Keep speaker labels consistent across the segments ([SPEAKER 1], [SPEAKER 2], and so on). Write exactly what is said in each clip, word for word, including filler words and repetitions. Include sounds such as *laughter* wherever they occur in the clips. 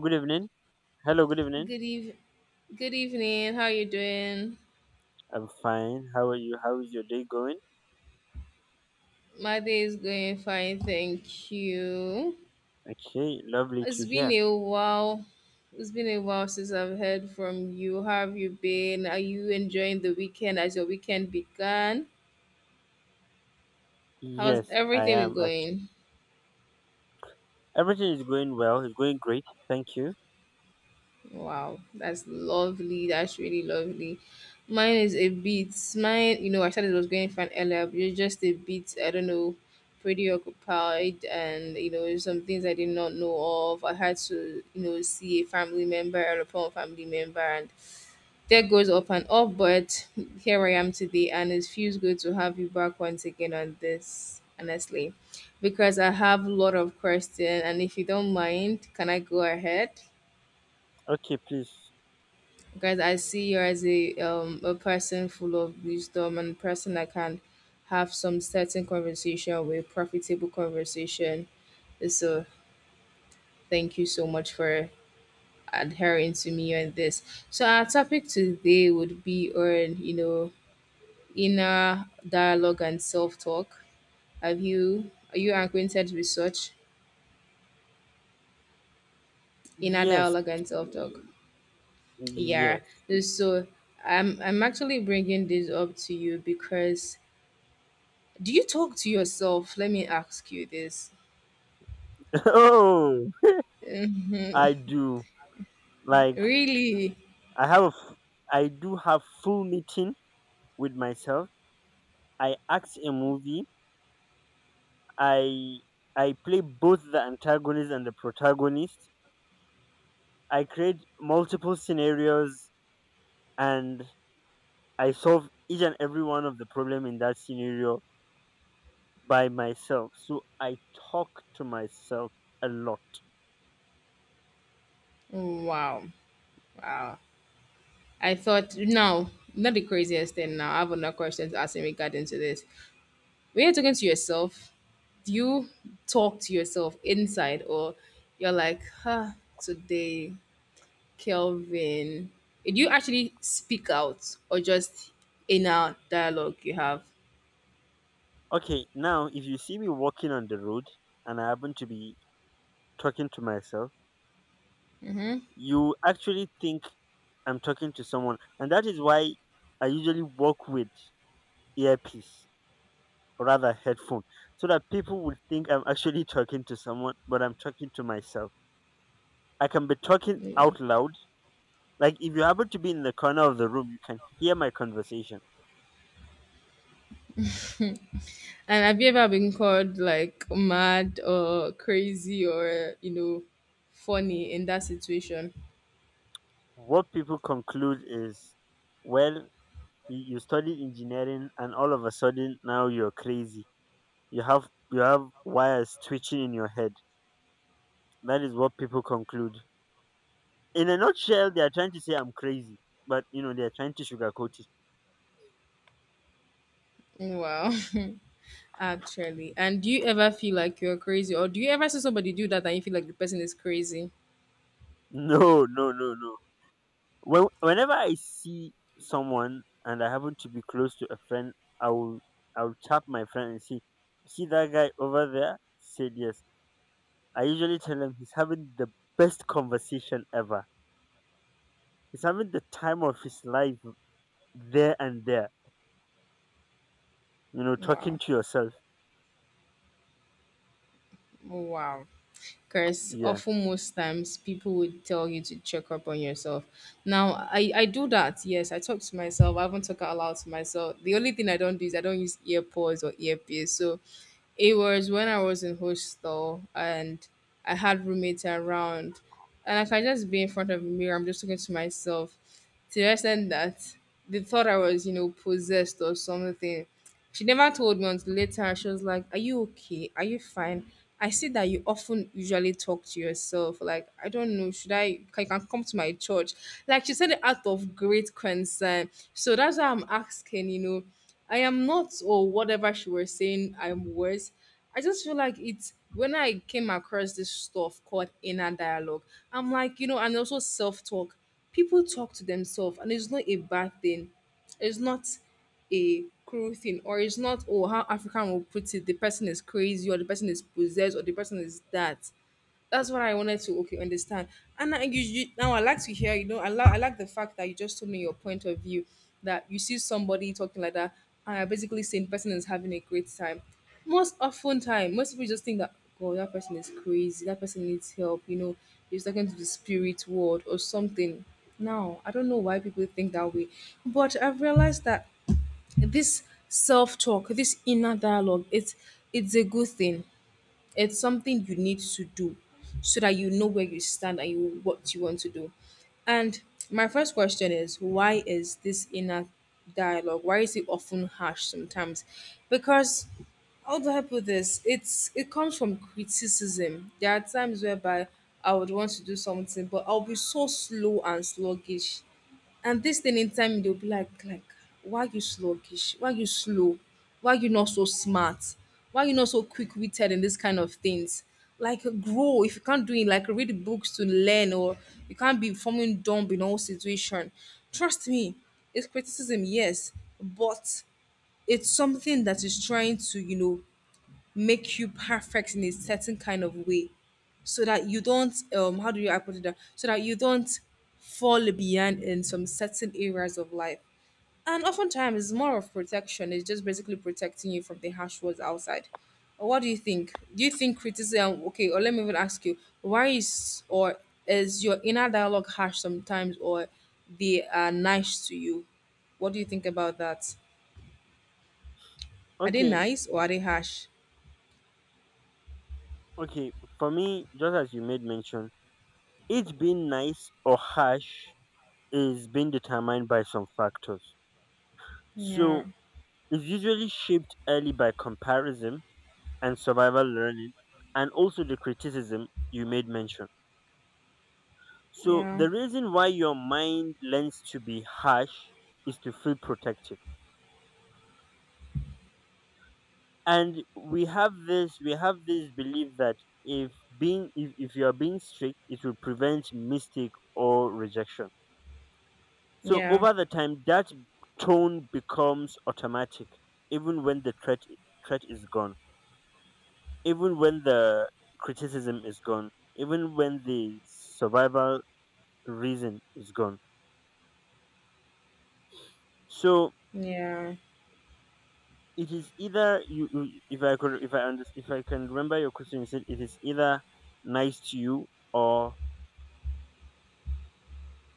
[SPEAKER 1] Good evening. Hello, good evening.
[SPEAKER 2] Good eve- Good evening. How you doing?
[SPEAKER 1] I'm fine. How are you? How is your day going?
[SPEAKER 2] My day is going fine, thank you.
[SPEAKER 1] Okay, lovely to
[SPEAKER 2] It's been
[SPEAKER 1] hear.
[SPEAKER 2] a while. It's been a while since I've heard from you. How have you been? Are you enjoying the weekend as your weekend began? How's
[SPEAKER 1] Yes, I
[SPEAKER 2] everything been
[SPEAKER 1] am actually.
[SPEAKER 2] going?
[SPEAKER 1] Everything is going well. It's going great. Thank you.
[SPEAKER 2] Wow, that's lovely. That's really lovely. Mine is a bit. Mine, you know, I said it was going fine earlier, but it's just a bit. I don't know, pretty occupied, and you know, some things I did not know of. I had to, you know, see a family member, a upon family member, and that goes up and up. But here I am today, and it feels good to have you back once again on this. Honestly, because I have a lot of questions, and if you don't mind, can I go ahead?
[SPEAKER 1] Okay, please.
[SPEAKER 2] Because I see you as a um a person full of wisdom and person that can have some certain conversation with profitable conversation. So thank you so much for adhering to me on this. So our topic today would be on, you know, inner dialogue and self talk. Have you are you acquainted with such inner
[SPEAKER 1] Yes,
[SPEAKER 2] dialogue and self talk? Yeah.
[SPEAKER 1] yes.
[SPEAKER 2] So I'm I'm actually bringing this up to you because do you talk to yourself? Let me ask you this. *laughs*
[SPEAKER 1] *laughs* Oh,
[SPEAKER 2] Mhm.
[SPEAKER 1] I do. Like,
[SPEAKER 2] Really?
[SPEAKER 1] I have, a f- I do have full meeting with myself. I act a movie. I, I play both the antagonist and the protagonist. I create multiple scenarios and I solve each and every one of the problem in that scenario by myself. So I talk to myself a lot.
[SPEAKER 2] Wow. Wow. I thought, no, not the craziest thing now. I have another question to ask in regarding to this. When you're talking to yourself, do you talk to yourself inside or you're like, huh, today, Kelvin? Do you actually speak out or just inner dialogue you have?
[SPEAKER 1] Okay, now if you see me walking on the road and I happen to be talking to myself, you actually think I'm talking to someone, and that is why I usually walk with earpiece or rather headphone, so that people would think I'm actually talking to someone, but I'm talking to myself. I can be talking
[SPEAKER 2] Yeah.
[SPEAKER 1] out loud. Like if you happen to be in the corner of the room, you can hear my conversation.
[SPEAKER 2] And have you ever been called like mad or crazy or you know funny in that situation?
[SPEAKER 1] What people conclude is, well, you, you studied engineering and all of a sudden now you're crazy. You have you have wires twitching in your head. That is what people conclude. In a nutshell, they are trying to say I'm crazy, but you know they are trying to sugarcoat it.
[SPEAKER 2] Wow, *laughs* actually. And do you ever feel like you're crazy, or do you ever see somebody do that and you feel like the person is crazy?
[SPEAKER 1] *laughs* No, no, no, no. When whenever I see someone and I happen to be close to a friend, I will I will tap my friend and say, "See that guy over there?" Said yes. I usually tell him he's having the best conversation ever. He's having the time of his life there and there. You know, talking
[SPEAKER 2] Wow,
[SPEAKER 1] to yourself.
[SPEAKER 2] wow. Because
[SPEAKER 1] Yeah.
[SPEAKER 2] often most times people would tell you to check up on yourself. Now I I do that. Yes, I talk to myself. I haven't talked out loud to myself. The only thing I don't do is I don't use earpods or earpiece. So it was when I was in hostel and I had roommates around, and I can just be in front of a mirror. I'm just talking to myself to the extent that they thought I was, you know, possessed or something. She never told me until later. She was like, "Are you okay? Are you fine?" I see that you often usually talk to yourself. Like, I don't know, should I? I can come to my church. Like she said, it out of great concern. So that's why I'm asking. You know I am not, or whatever she was saying, I'm worse. I just feel like it's when I came across this stuff called inner dialogue, I'm like, you know, and also self talk. People talk to themselves, and it's not a bad thing. It's not a cruel thing, or it's not, oh, how African will put it the person is crazy, or the person is possessed, or the person is that that's what I wanted to okay understand. And I, you, you, now I like to hear, you know, I, li- I like the fact that you just told me your point of view that you see somebody talking like that, and you're basically saying the person is having a great time. Most often time, most people just think that God, that person is crazy, that person needs help, you know, he's talking to the spirit world or something. Now, I don't know why people think that way, but I've realized that this self-talk, this inner dialogue, it's it's a good thing. It's something you need to do so that you know where you stand and you what you want to do. And my first question is, why is this inner dialogue why is it often harsh sometimes? Because how do I put this? It's it comes from criticism. There are times whereby I would want to do something, but I'll be so slow and sluggish and this thing in time, they'll be like, like, why are you sluggish? Why are you slow? Why are you not so smart? Why are you not so quick witted in this kind of things? Like grow if you can't do it, like read books to learn, or you can't be forming dumb in all situation. Trust me, it's criticism, yes, but it's something that is trying to, you know, make you perfect in a certain kind of way so that you don't um how do you I put it down so that you don't fall behind in some certain areas of life. And oftentimes it's more of protection. It's just basically protecting you from the harsh words outside. Uh, what do you think do you think criticism okay, or let me even ask you, why is or is your inner dialogue harsh sometimes, or they are nice to you? What do you think about that? Are they
[SPEAKER 1] Okay.
[SPEAKER 2] nice or are they harsh?
[SPEAKER 1] Okay. For me, just as you made mention, it being nice or harsh is being determined by some factors. So
[SPEAKER 2] Yeah,
[SPEAKER 1] it's usually shaped early by comparison and survival learning, and also the criticism you made mention. So
[SPEAKER 2] yeah,
[SPEAKER 1] the reason why your mind learns to be harsh is to feel protective. And we have this we have this belief that if being if, if you are being strict, it will prevent mistake or rejection. So
[SPEAKER 2] yeah.
[SPEAKER 1] over the time that tone becomes automatic, even when the threat threat is gone, even when the criticism is gone, even when the survival reason is gone. So
[SPEAKER 2] Yeah.
[SPEAKER 1] it is either you, you- if I could, if I understand, if I can remember your question, you said it is either nice to you or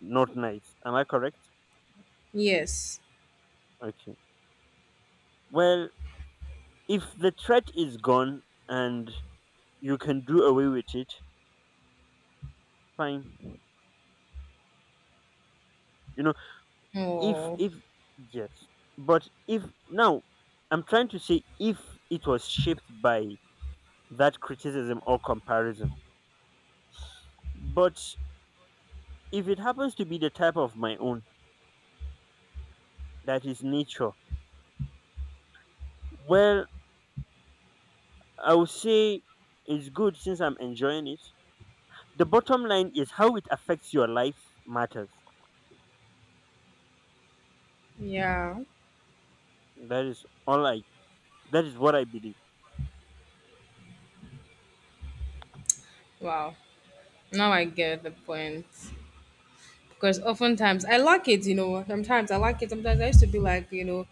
[SPEAKER 1] not nice. Am I correct?
[SPEAKER 2] Yes.
[SPEAKER 1] Okay. Well, if the threat is gone and you can do away with it, fine. You know, if
[SPEAKER 2] Oh,
[SPEAKER 1] if yes, but if now I'm trying to say if it was shaped by that criticism or comparison, but if it happens to be the type of my own that is nature. Well, I would say it's good since I'm enjoying it. The bottom line is how it affects your life matters.
[SPEAKER 2] yeah.
[SPEAKER 1] That is all I that is what I believe.
[SPEAKER 2] Wow. Now I get the point. Because oftentimes I like it, you know. Sometimes I like it. Sometimes I used to be like, you know,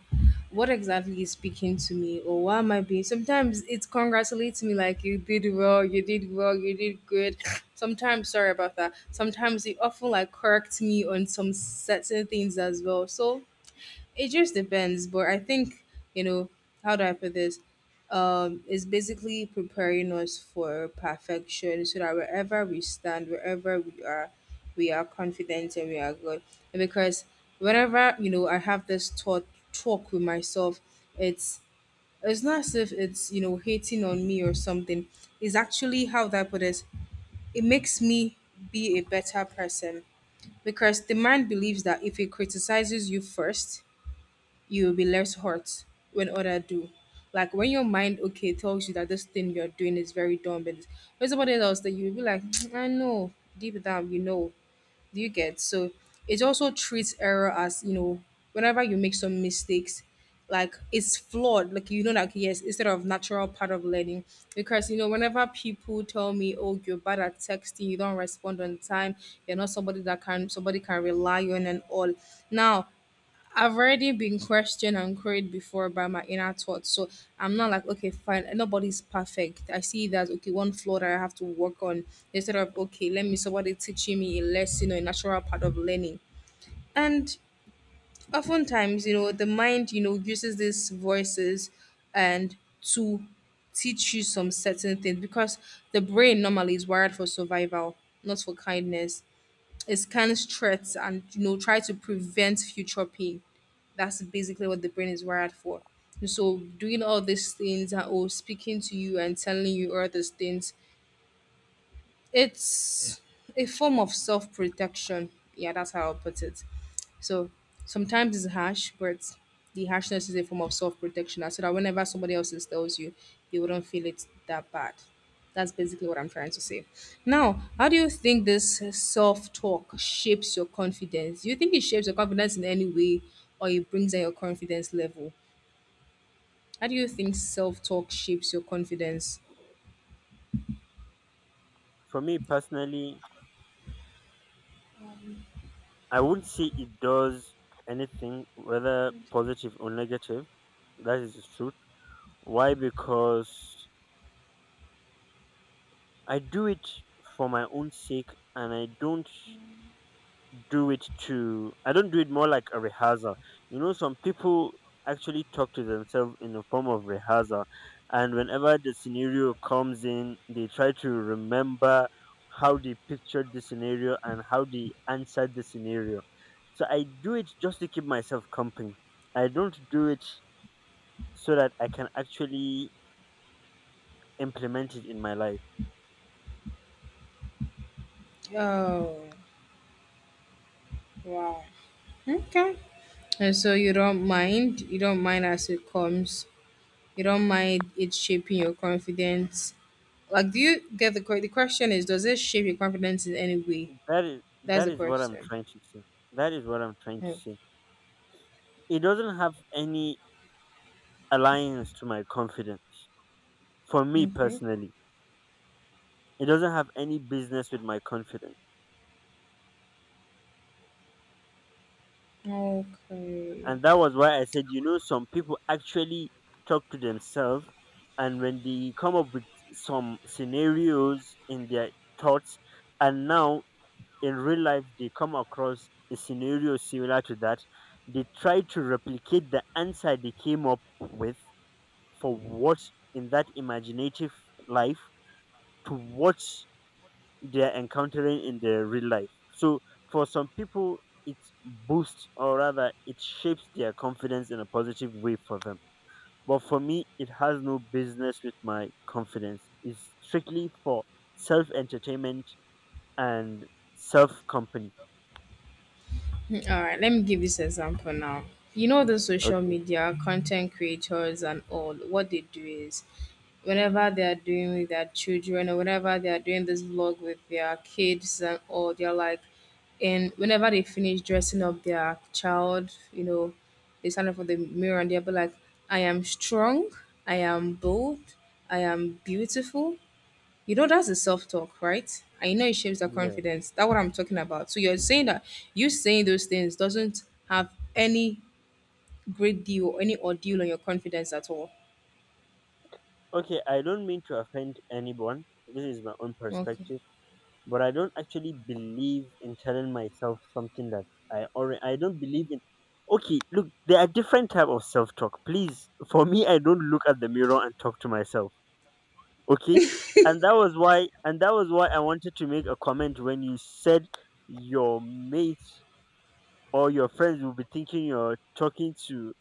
[SPEAKER 2] what exactly is speaking to me or why am I being? Sometimes it congratulates me like you did well, you did well, you did good. *sniffs* Sometimes, sorry about that. Sometimes it often like corrects me on some certain things as well. So it just depends, but I think, you know, how do I put this? Um, it's basically preparing us for perfection so that wherever we stand, wherever we are, we are confident and we are good. And because whenever, you know, I have this thought talk with myself, it's it's not as if it's, you know, hating on me or something. It's actually how do I put this? It makes me be a better person. Because the mind believes that if it criticizes you first, you will be less hurt when others do. Like when your mind okay tells you that this thing you're doing is very dumb, but when somebody else that you'll be like, *tsk* I know, deep down you know, do you get? So it also treats error as you know, whenever you make some mistakes, like it's flawed. Like you know, like yes, instead of natural part of learning, because you know, whenever people tell me, oh, you're bad at texting, you don't respond on time, you're not somebody that can somebody can rely on and all. Now I've already been questioned and queried before by my inner thoughts. So I'm not like, okay, fine, nobody's perfect. I see that, okay, one flaw that I have to work on instead of, okay, let me somebody teaching me a lesson or a natural part of learning. And oftentimes, you know, the mind, you know, uses these voices and to teach you some certain things because the brain normally is wired for survival, not for kindness. It scans threats and you know try to prevent future pain. That's basically what the brain is wired for. And so doing all these things and oh speaking to you and telling you all these things, it's a form of self protection. Yeah, that's how I'll put it. So sometimes it's harsh, but the harshness is a form of self protection. So that whenever somebody else tells you, you wouldn't feel it that bad. That's basically what I'm trying to say. Now, how do you think this self talk shapes your confidence? Do you think it shapes your confidence in any way or it brings down your confidence level? How do you think self talk shapes your confidence?
[SPEAKER 1] For me personally, I wouldn't say it does anything, whether positive or negative. That is the truth. Why? Because I do it for my own sake, and I don't do it to I don't do it more like a rehearsal. You know, some people actually talk to themselves in a form of rehearsal, and whenever the scenario comes in, they try to remember how they pictured the scenario and how they answered the scenario. So I do it just to keep myself company. I don't do it so that I can actually implement it in my life.
[SPEAKER 2] Oh, wow. Okay. And so you don't mind, you don't mind as it comes. You don't mind it shaping your confidence. Like, do you get the que- the question is, does it shape your confidence in any way?
[SPEAKER 1] That is
[SPEAKER 2] That's
[SPEAKER 1] that
[SPEAKER 2] the
[SPEAKER 1] is what I'm
[SPEAKER 2] question.
[SPEAKER 1] trying to say. That is what I'm trying to
[SPEAKER 2] Oh,
[SPEAKER 1] say. It doesn't have any aligns to my confidence. For me
[SPEAKER 2] okay.
[SPEAKER 1] personally, it doesn't have any business with my confidence.
[SPEAKER 2] Okay.
[SPEAKER 1] And that was why I said, you know, some people actually talk to themselves, and when they come up with some scenarios in their thoughts, and now in real life they come across a scenario similar to that, they try to replicate the answer they came up with for what in that imaginative life to what they're encountering in their real life. So for some people, it boosts, or rather it shapes their confidence in a positive way for them. But for me, it has no business with my confidence. It's strictly for self entertainment and self company.
[SPEAKER 2] All right, let me give this example now. You know, the social
[SPEAKER 1] Okay.
[SPEAKER 2] media content creators and all, what they do is whenever they are doing with their children or whenever they are doing this vlog with their kids and all, they're like, and whenever they finish dressing up their child, you know, they stand up for the mirror and they'll be like, I am strong, I am bold, I am beautiful, you know, that's the self talk, right? And you know, it shapes our
[SPEAKER 1] Yeah.
[SPEAKER 2] confidence. That's what I'm talking about. So you're saying that you saying those things doesn't have any great deal or any ordeal on your confidence at all.
[SPEAKER 1] Okay. I don't mean to offend anyone. This is my own
[SPEAKER 2] Okay.
[SPEAKER 1] perspective, but I don't actually believe in telling myself something that I already I don't believe in. Okay, look, there are different type of self talk. Please, for me, I don't look at the mirror and talk to myself. Okay, and that was why, and that was why I wanted to make a comment when you said your mates or your friends will be thinking you're talking to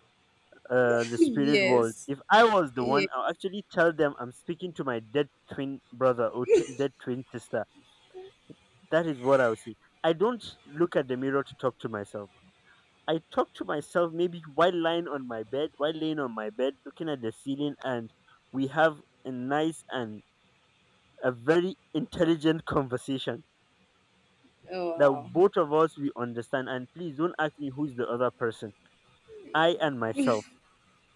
[SPEAKER 1] uh, the
[SPEAKER 2] *laughs*
[SPEAKER 1] spirit world.
[SPEAKER 2] Yes.
[SPEAKER 1] If I was the
[SPEAKER 2] Yeah.
[SPEAKER 1] one, I'll actually tell them I'm speaking to my dead twin brother or t- dead twin sister. That is what I would say. I don't look at the mirror to talk to myself. I talk to myself maybe while lying on my bed, while laying on my bed, looking at the ceiling, and we have a nice and a very intelligent conversation
[SPEAKER 2] Oh,
[SPEAKER 1] that
[SPEAKER 2] wow.
[SPEAKER 1] both of us we understand. And please don't ask me who's the other person. I and myself.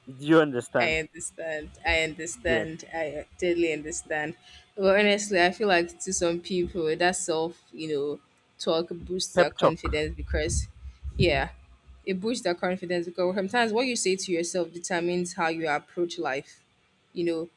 [SPEAKER 1] Do you understand?
[SPEAKER 2] I understand. I
[SPEAKER 1] Yes.
[SPEAKER 2] understand. I totally understand. But honestly, I feel like to some people that self, you know, talk boosts
[SPEAKER 1] Pep
[SPEAKER 2] their
[SPEAKER 1] talk.
[SPEAKER 2] confidence because, yeah, it boosts their confidence because sometimes what you say to yourself determines how you approach life. You know,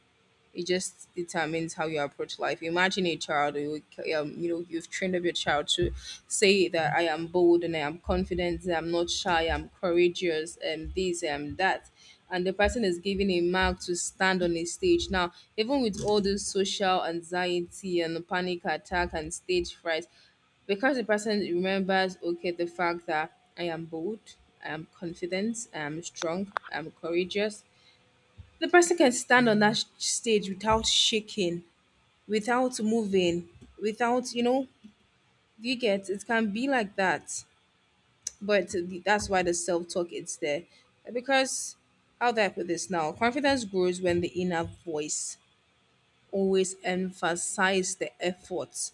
[SPEAKER 2] it just determines how you approach life. Imagine a child, you, um, you know, you've trained up your child to say that I am bold and I am confident, I'm not shy, I'm courageous, and this, and that. And the person is given a mark to stand on a stage. Now, even with all this social anxiety and panic attack and stage fright, because the person remembers okay the fact that I am bold, I am confident, I am strong, I'm courageous, the person can stand on that sh- stage without shaking, without moving, without, you know, you get it can be like that. But the- that's why the self talk is there. Because how do I put this now? Confidence grows when the inner voice always emphasizes the effort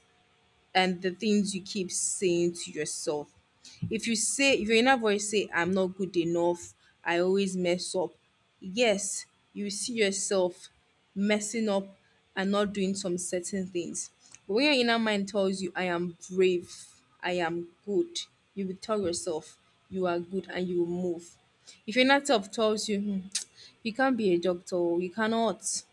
[SPEAKER 2] and the things you keep saying to yourself. If you say, if your inner voice say, I'm not good enough, I always mess up. Yes, you see yourself messing up and not doing some certain things. But when your inner mind tells you, I am brave, I am good, you will tell yourself, you are good and you will move. If your inner self tells you, "Hmm, *tsk* you can't be a doctor, you cannot,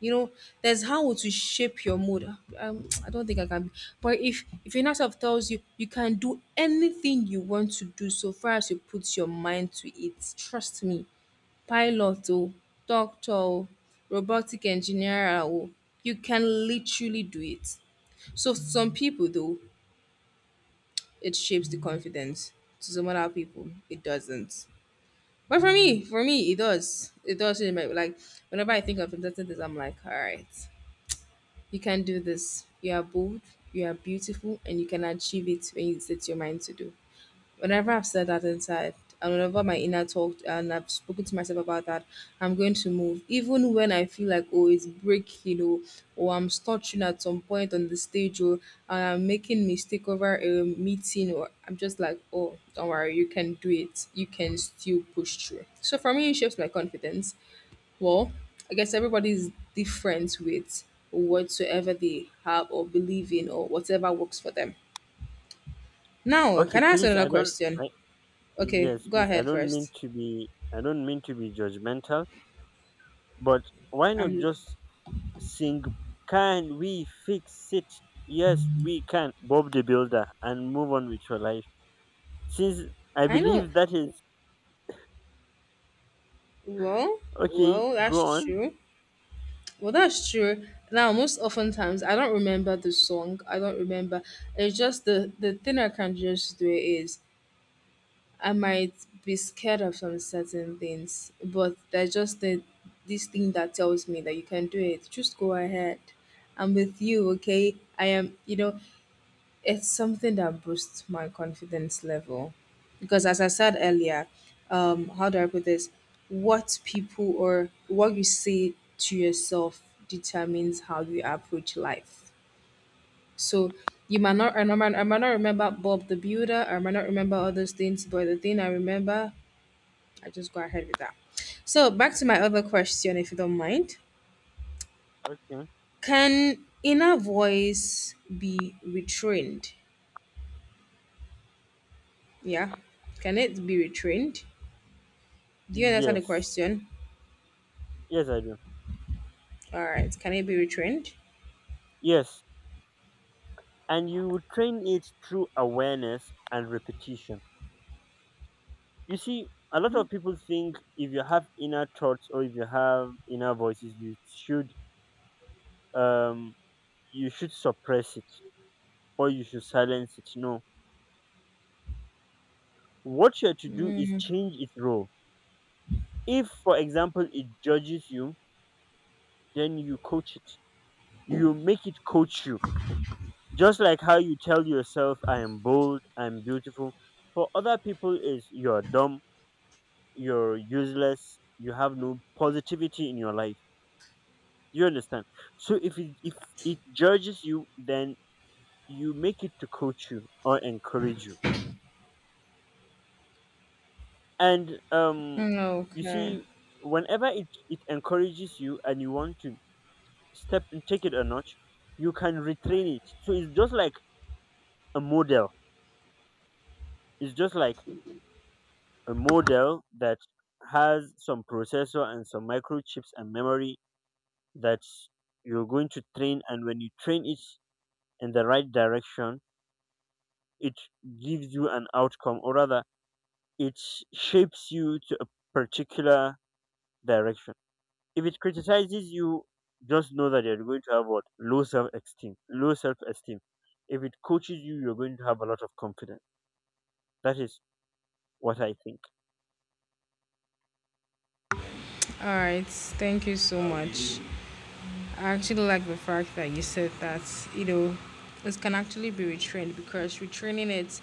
[SPEAKER 2] you know, there's how to shape your mood. Um, I don't think I can. Be. But if if your inner tells you you can do anything you want to do, so far as you put your mind to it, trust me. Pilot, or doctor, or robotic engineer, or you can literally do it. So some people though, it shapes the confidence. To some other people, it doesn't. But for me, for me, it does. It does. really make- Like whenever I think of something, I'm like, all right. You can do this. You are bold, you are beautiful, and you can achieve it when you set your mind to do. Whenever I've said that inside, and whenever my inner talk and I've spoken to myself about that, I'm going to move. Even when I feel like oh it's breaking or or I'm stuttering at some point on the stage or I'm making mistake over a meeting or I'm just like, oh, don't worry, you can do it. You can still push through. So for me it shapes my confidence well, I guess everybody's different with whatsoever they have or believe in or whatever works for them. Now,
[SPEAKER 1] Okay,
[SPEAKER 2] can I ask
[SPEAKER 1] please.
[SPEAKER 2] another
[SPEAKER 1] I don't.
[SPEAKER 2] question?
[SPEAKER 1] I,
[SPEAKER 2] Okay,
[SPEAKER 1] yes,
[SPEAKER 2] go
[SPEAKER 1] please. I
[SPEAKER 2] ahead
[SPEAKER 1] don't mean
[SPEAKER 2] first.
[SPEAKER 1] to be. I don't mean to be judgmental, but why not
[SPEAKER 2] Um,
[SPEAKER 1] just sing, "Can we fix it? Yes, we can." Bob the Builder, and move on with your life. Since I
[SPEAKER 2] I know.
[SPEAKER 1] believe that is
[SPEAKER 2] Well,
[SPEAKER 1] okay,
[SPEAKER 2] well,
[SPEAKER 1] go
[SPEAKER 2] that's
[SPEAKER 1] on.
[SPEAKER 2] true. Well, that's true. Now, most oftentimes, I don't remember the song. I don't remember. It's just the the thing I can just do is I might be scared of some certain things, but there's just the this thing that tells me that you can do it. Just go ahead. I'm with you, okay? I am, you know, it's something that boosts my confidence level. Because as I said earlier, um, how do I put this? What people or what you say to yourself determines how you approach life. So you might not, I might, I might not remember Bob the Builder, I might not remember all those things, but the thing I remember I just go ahead with that. So back to my other question, if you don't mind.
[SPEAKER 1] Okay.
[SPEAKER 2] Can inner voice be retrained? Yeah. Can it be retrained? Do you understand the
[SPEAKER 1] Yes.
[SPEAKER 2] question?
[SPEAKER 1] Yes, I do.
[SPEAKER 2] All right. Can it be retrained?
[SPEAKER 1] Yes. And you would train it through awareness and repetition. You see, a lot of people think if you have inner thoughts or if you have inner voices, you should um you should suppress it or you should silence it. No. What you are to do is change its role. If, for example, it judges you, then you coach it. You make it coach you. Just like how you tell yourself, I am bold, I'm beautiful. For other people, is you're dumb, you're useless, you have no positivity in your life. You understand? So if it, if it judges you, then you make it to coach you or encourage you. And um, you
[SPEAKER 2] Okay.
[SPEAKER 1] see, whenever it, it encourages you and you want to step and take it a notch, you can retrain it. So it's just like a model. It's just like a model that has some processor and some microchips and memory that you're going to train. And when you train it in the right direction, it gives you an outcome, or rather, it shapes you to a particular direction. If it criticizes you, just know that you're going to have what low self esteem, low self esteem. If it coaches you, you're going to have a lot of confidence. That is what I think.
[SPEAKER 2] All right. Thank you so much. I actually like the fact that you said that, you know, it can actually be retrained because retraining it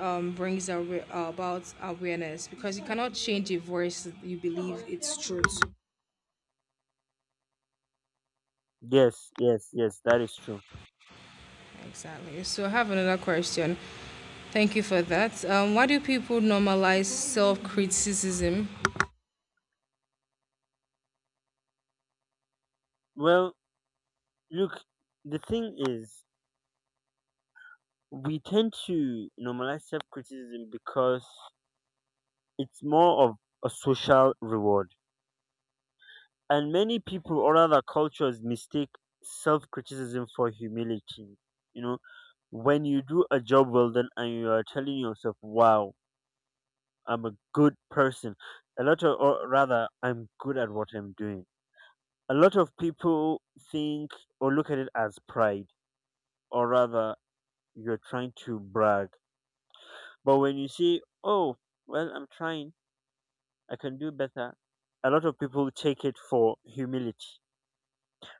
[SPEAKER 2] um, brings awa- about awareness because you cannot change a voice you believe it's truth.
[SPEAKER 1] Yes, yes, yes, that is true.
[SPEAKER 2] Exactly. So I have another question. Thank you for that. Um, why do people normalize self criticism?
[SPEAKER 1] Well, look, the thing is, we tend to normalize self criticism because it's more of a social reward. And many people or other cultures mistake self criticism for humility. You know, when you do a job well done and you are telling yourself, wow, I'm a good person, a lot of, or rather, I'm good at what I'm doing, a lot of people think or look at it as pride, or rather, you're trying to brag. But when you say, oh, well, I'm trying, I can do better, a lot of people take it for humility,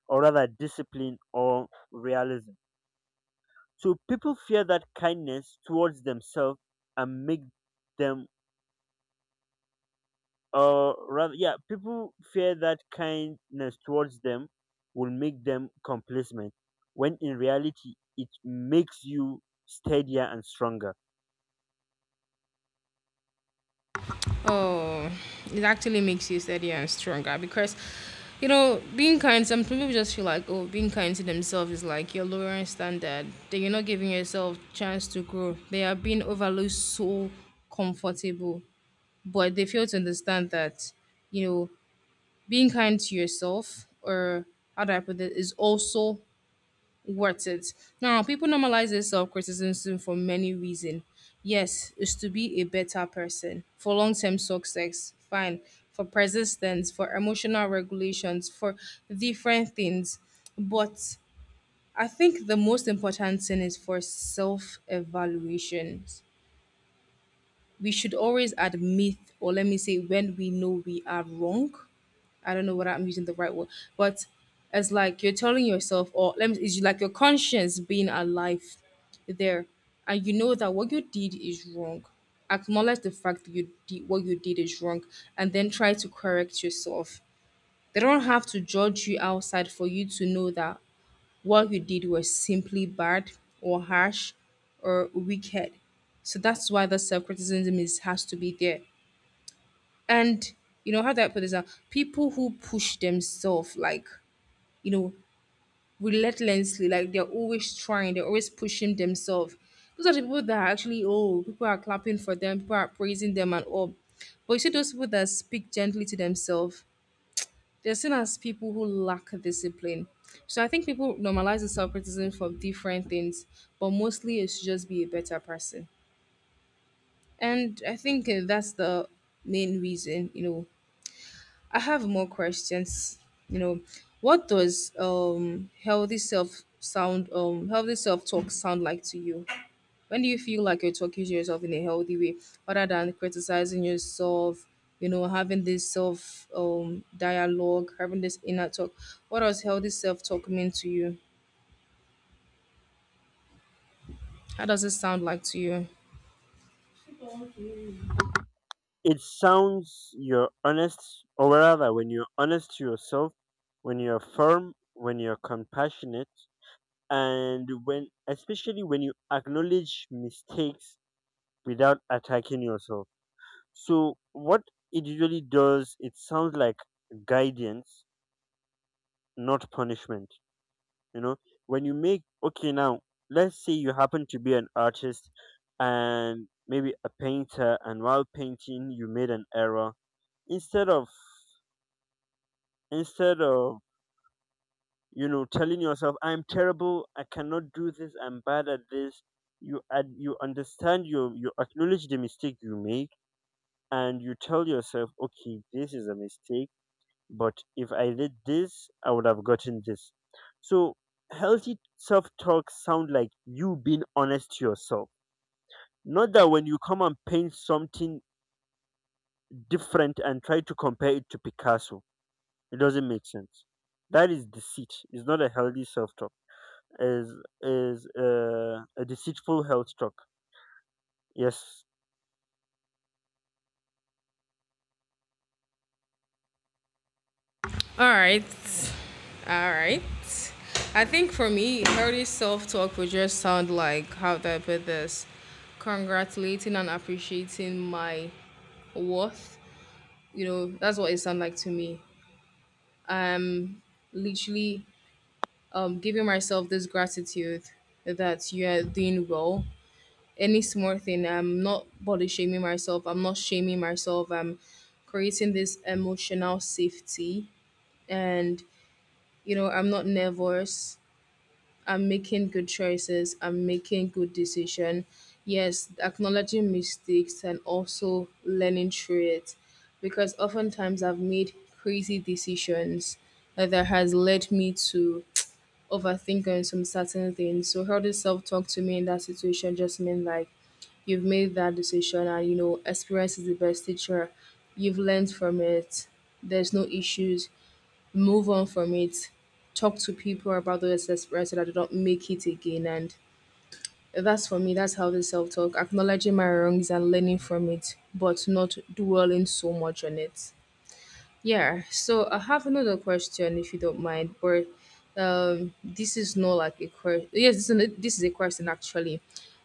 [SPEAKER 1] or rather, discipline or realism. So people fear that kindness towards themselves and make them or rather yeah, people fear that kindness towards them will make them complacent, when in reality it makes you steadier and stronger.
[SPEAKER 2] Oh, it actually makes you steadier and stronger because, you know, being kind, some people just feel like, oh, being kind to themselves is like you're lowering standard. Then you're not giving yourself chance to grow. They are being overlooked so comfortable, but they fail to understand that, you know, being kind to yourself or how do I put it is also worth it. Now, people normalize this self criticism for many reasons. Yes, it's to be a better person, for long term success, fine, for persistence, for emotional regulations, for different things. But I think the most important thing is for self evaluation we should always admit, or let me say, when we know we are wrong. I don't know whether I'm using the right word, but it's like you're telling yourself, or let me, it's like your conscience being alive there, and you know that what you did is wrong. Acknowledge the fact that you did what you did is wrong, and then try to correct yourself. They don't have to judge you outside for you to know that what you did was simply bad or harsh or wicked. So that's why the self criticism is has to be there. And you know how do I put this out? People who push themselves like, you know, relentlessly, like they're always trying, they're always pushing themselves. Those are the people that are actually, oh, people are clapping for them, people are praising them and all. But you see those people that speak gently to themselves they're seen as people who lack discipline. So I think people normalize the self criticism for different things, but mostly it's just be a better person. And I think uh, that's the main reason. You know, I have more questions. You know, what does um healthy self sound um healthy self talk sound like to you? When do you feel like you're talking to yourself in a healthy way other than criticizing yourself? You know, having this self um dialogue, having this inner talk. What does healthy self talk mean to you? How does it sound like to you?
[SPEAKER 1] It sounds you're honest, or rather when you're honest to yourself, when you're firm, when you're compassionate, and when especially when you acknowledge mistakes without attacking yourself. So what it usually does, it sounds like guidance, not punishment. You know, when you make okay now, let's say you happen to be an artist and maybe a painter, and while painting you made an error, instead of instead of you know telling yourself I'm terrible, I cannot do this, I'm bad at this, you ad- you understand, you you acknowledge the mistake you make, and you tell yourself okay this is a mistake, but if I did this, I would have gotten this. So healthy self talk sound like you being honest to yourself. Not that when you come and paint something different and try to compare it to Picasso, it doesn't make sense. That is deceit. It's not a healthy self talk. Is is uh, a deceitful health talk. Yes.
[SPEAKER 2] All right. All right. I think for me, healthy self talk would just sound like how do I put this? Congratulating and appreciating my worth. You know, that's what it sounds like to me. I'm literally um, giving myself this gratitude that you are doing well. Any small thing, I'm not body shaming myself. I'm not shaming myself. I'm creating this emotional safety, and you know, I'm not nervous. I'm making good choices. I'm making good decision. Yes, acknowledging mistakes and also learning through it, because oftentimes I've made crazy decisions that has led me to overthinker on some certain things. So healthy self talk to me in that situation just mean like you've made that decision and you know experience is the best teacher. You've learned from it. There's no issues. Move on from it. Talk to people about those experiences so that they don't make it again. And that's for me, that's healthy self talk. Acknowledging my wrongs and learning from it, but not dwelling so much on it. Yeah, so I have another question if you don't mind, but um, this is not like a question. Yes, this is, an, this is a question actually.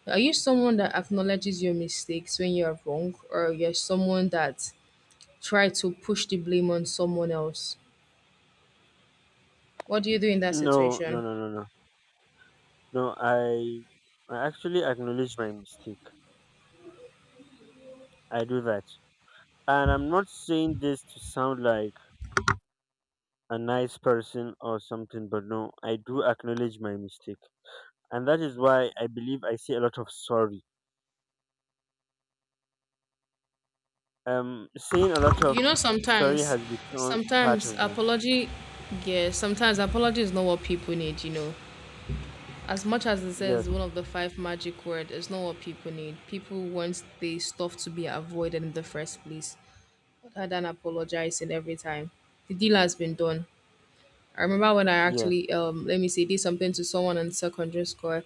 [SPEAKER 2] Are you someone that acknowledges your mistakes when you're wrong, or you're someone that try to push the blame on someone else? What do you do in that
[SPEAKER 1] No. No.
[SPEAKER 2] situation?
[SPEAKER 1] No. No. No. No. I I actually acknowledge my mistake. I do that, and I'm not saying this to sound like a nice person or something, but no, I do acknowledge my mistake. And that is why I believe I say a lot of sorry. Um, saying a lot of
[SPEAKER 2] You know,
[SPEAKER 1] sorry
[SPEAKER 2] sometimes,
[SPEAKER 1] has become part
[SPEAKER 2] sometimes
[SPEAKER 1] of me.
[SPEAKER 2] apology, yeah, sometimes apology is not what people need. You know, as much as it
[SPEAKER 1] Yes,
[SPEAKER 2] says one of the five magic words, it's not what people need. People want the stuff to be avoided in the first place, rather than apologizing every time. The deal has been done. I remember when I
[SPEAKER 1] yes.
[SPEAKER 2] actually, um, let me say, did something to someone in secondary school.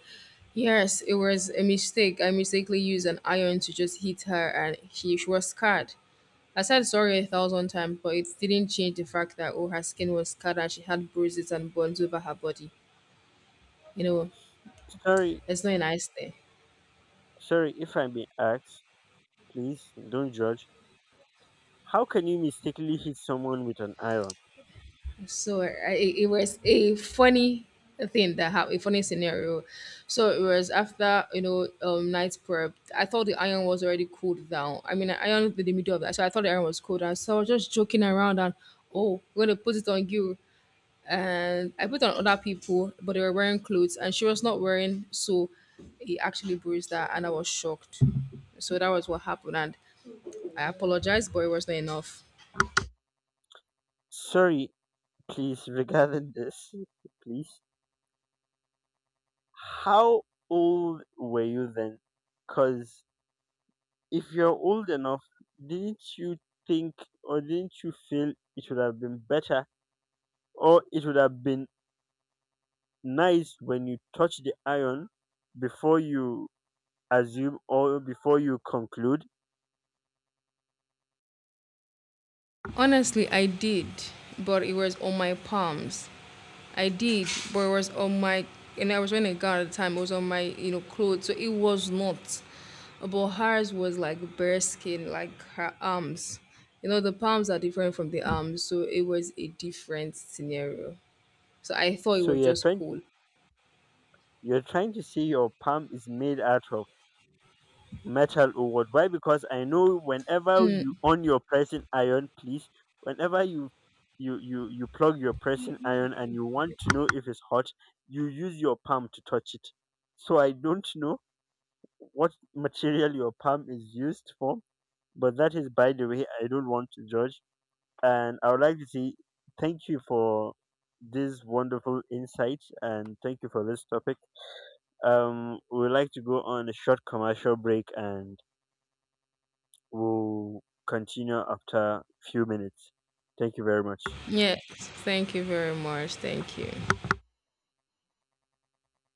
[SPEAKER 2] Yes, it was a mistake. I mistakenly used an iron to just hit her, and she, she was scarred. I said sorry a thousand times, but it didn't change the fact that oh, her skin was scarred and she had bruises and burns over her body. You know,
[SPEAKER 1] Sorry,
[SPEAKER 2] it's not a nice thing.
[SPEAKER 1] Sorry, if I may ask, please don't judge. How can you mistakenly hit someone with an iron?
[SPEAKER 2] So I, it was a funny thing that happened, a funny scenario. So it was after you know um night prep. I thought the iron was already cooled down. I mean, I ironed in the middle of that, so I thought the iron was cooled down. So I was just joking around and oh, we're gonna put it on you. And I put it on other people, but they were wearing clothes, and she was not wearing. So it actually bruised her, and I was shocked. So that was what happened, and I apologized, but it was not enough.
[SPEAKER 1] Sorry, please, regarding this, *laughs* please. How old were you then? Because if you're old enough, didn't you think or didn't you feel it would have been better or it would have been nice when you touch the iron before you assume or before you conclude?
[SPEAKER 2] Honestly, I did, but it was on my palms. I did, but it was on my, and I was wearing a gown at the time. It was on my, you know, clothes, so it was not. But hers was like bare skin, like her arms. You know, the palms are different from the arms, so it was a different scenario. So I thought it
[SPEAKER 1] So
[SPEAKER 2] was
[SPEAKER 1] you're
[SPEAKER 2] just
[SPEAKER 1] trying
[SPEAKER 2] cool.
[SPEAKER 1] you're trying to say your palm is made out of metal or what. Why? Because I know whenever you on your pressing iron, please, whenever you you you you plug your pressing iron and you want to know if it's hot, you use your palm to touch it. So I don't know what material your palm is used for, but that is by the way. I don't want to judge, and I would like to say thank you for this wonderful insight and thank you for this topic. Um, we would like to go on a short commercial break, and we'll continue after few minutes. Thank you very much.
[SPEAKER 2] Yes, thank you very much. Thank you.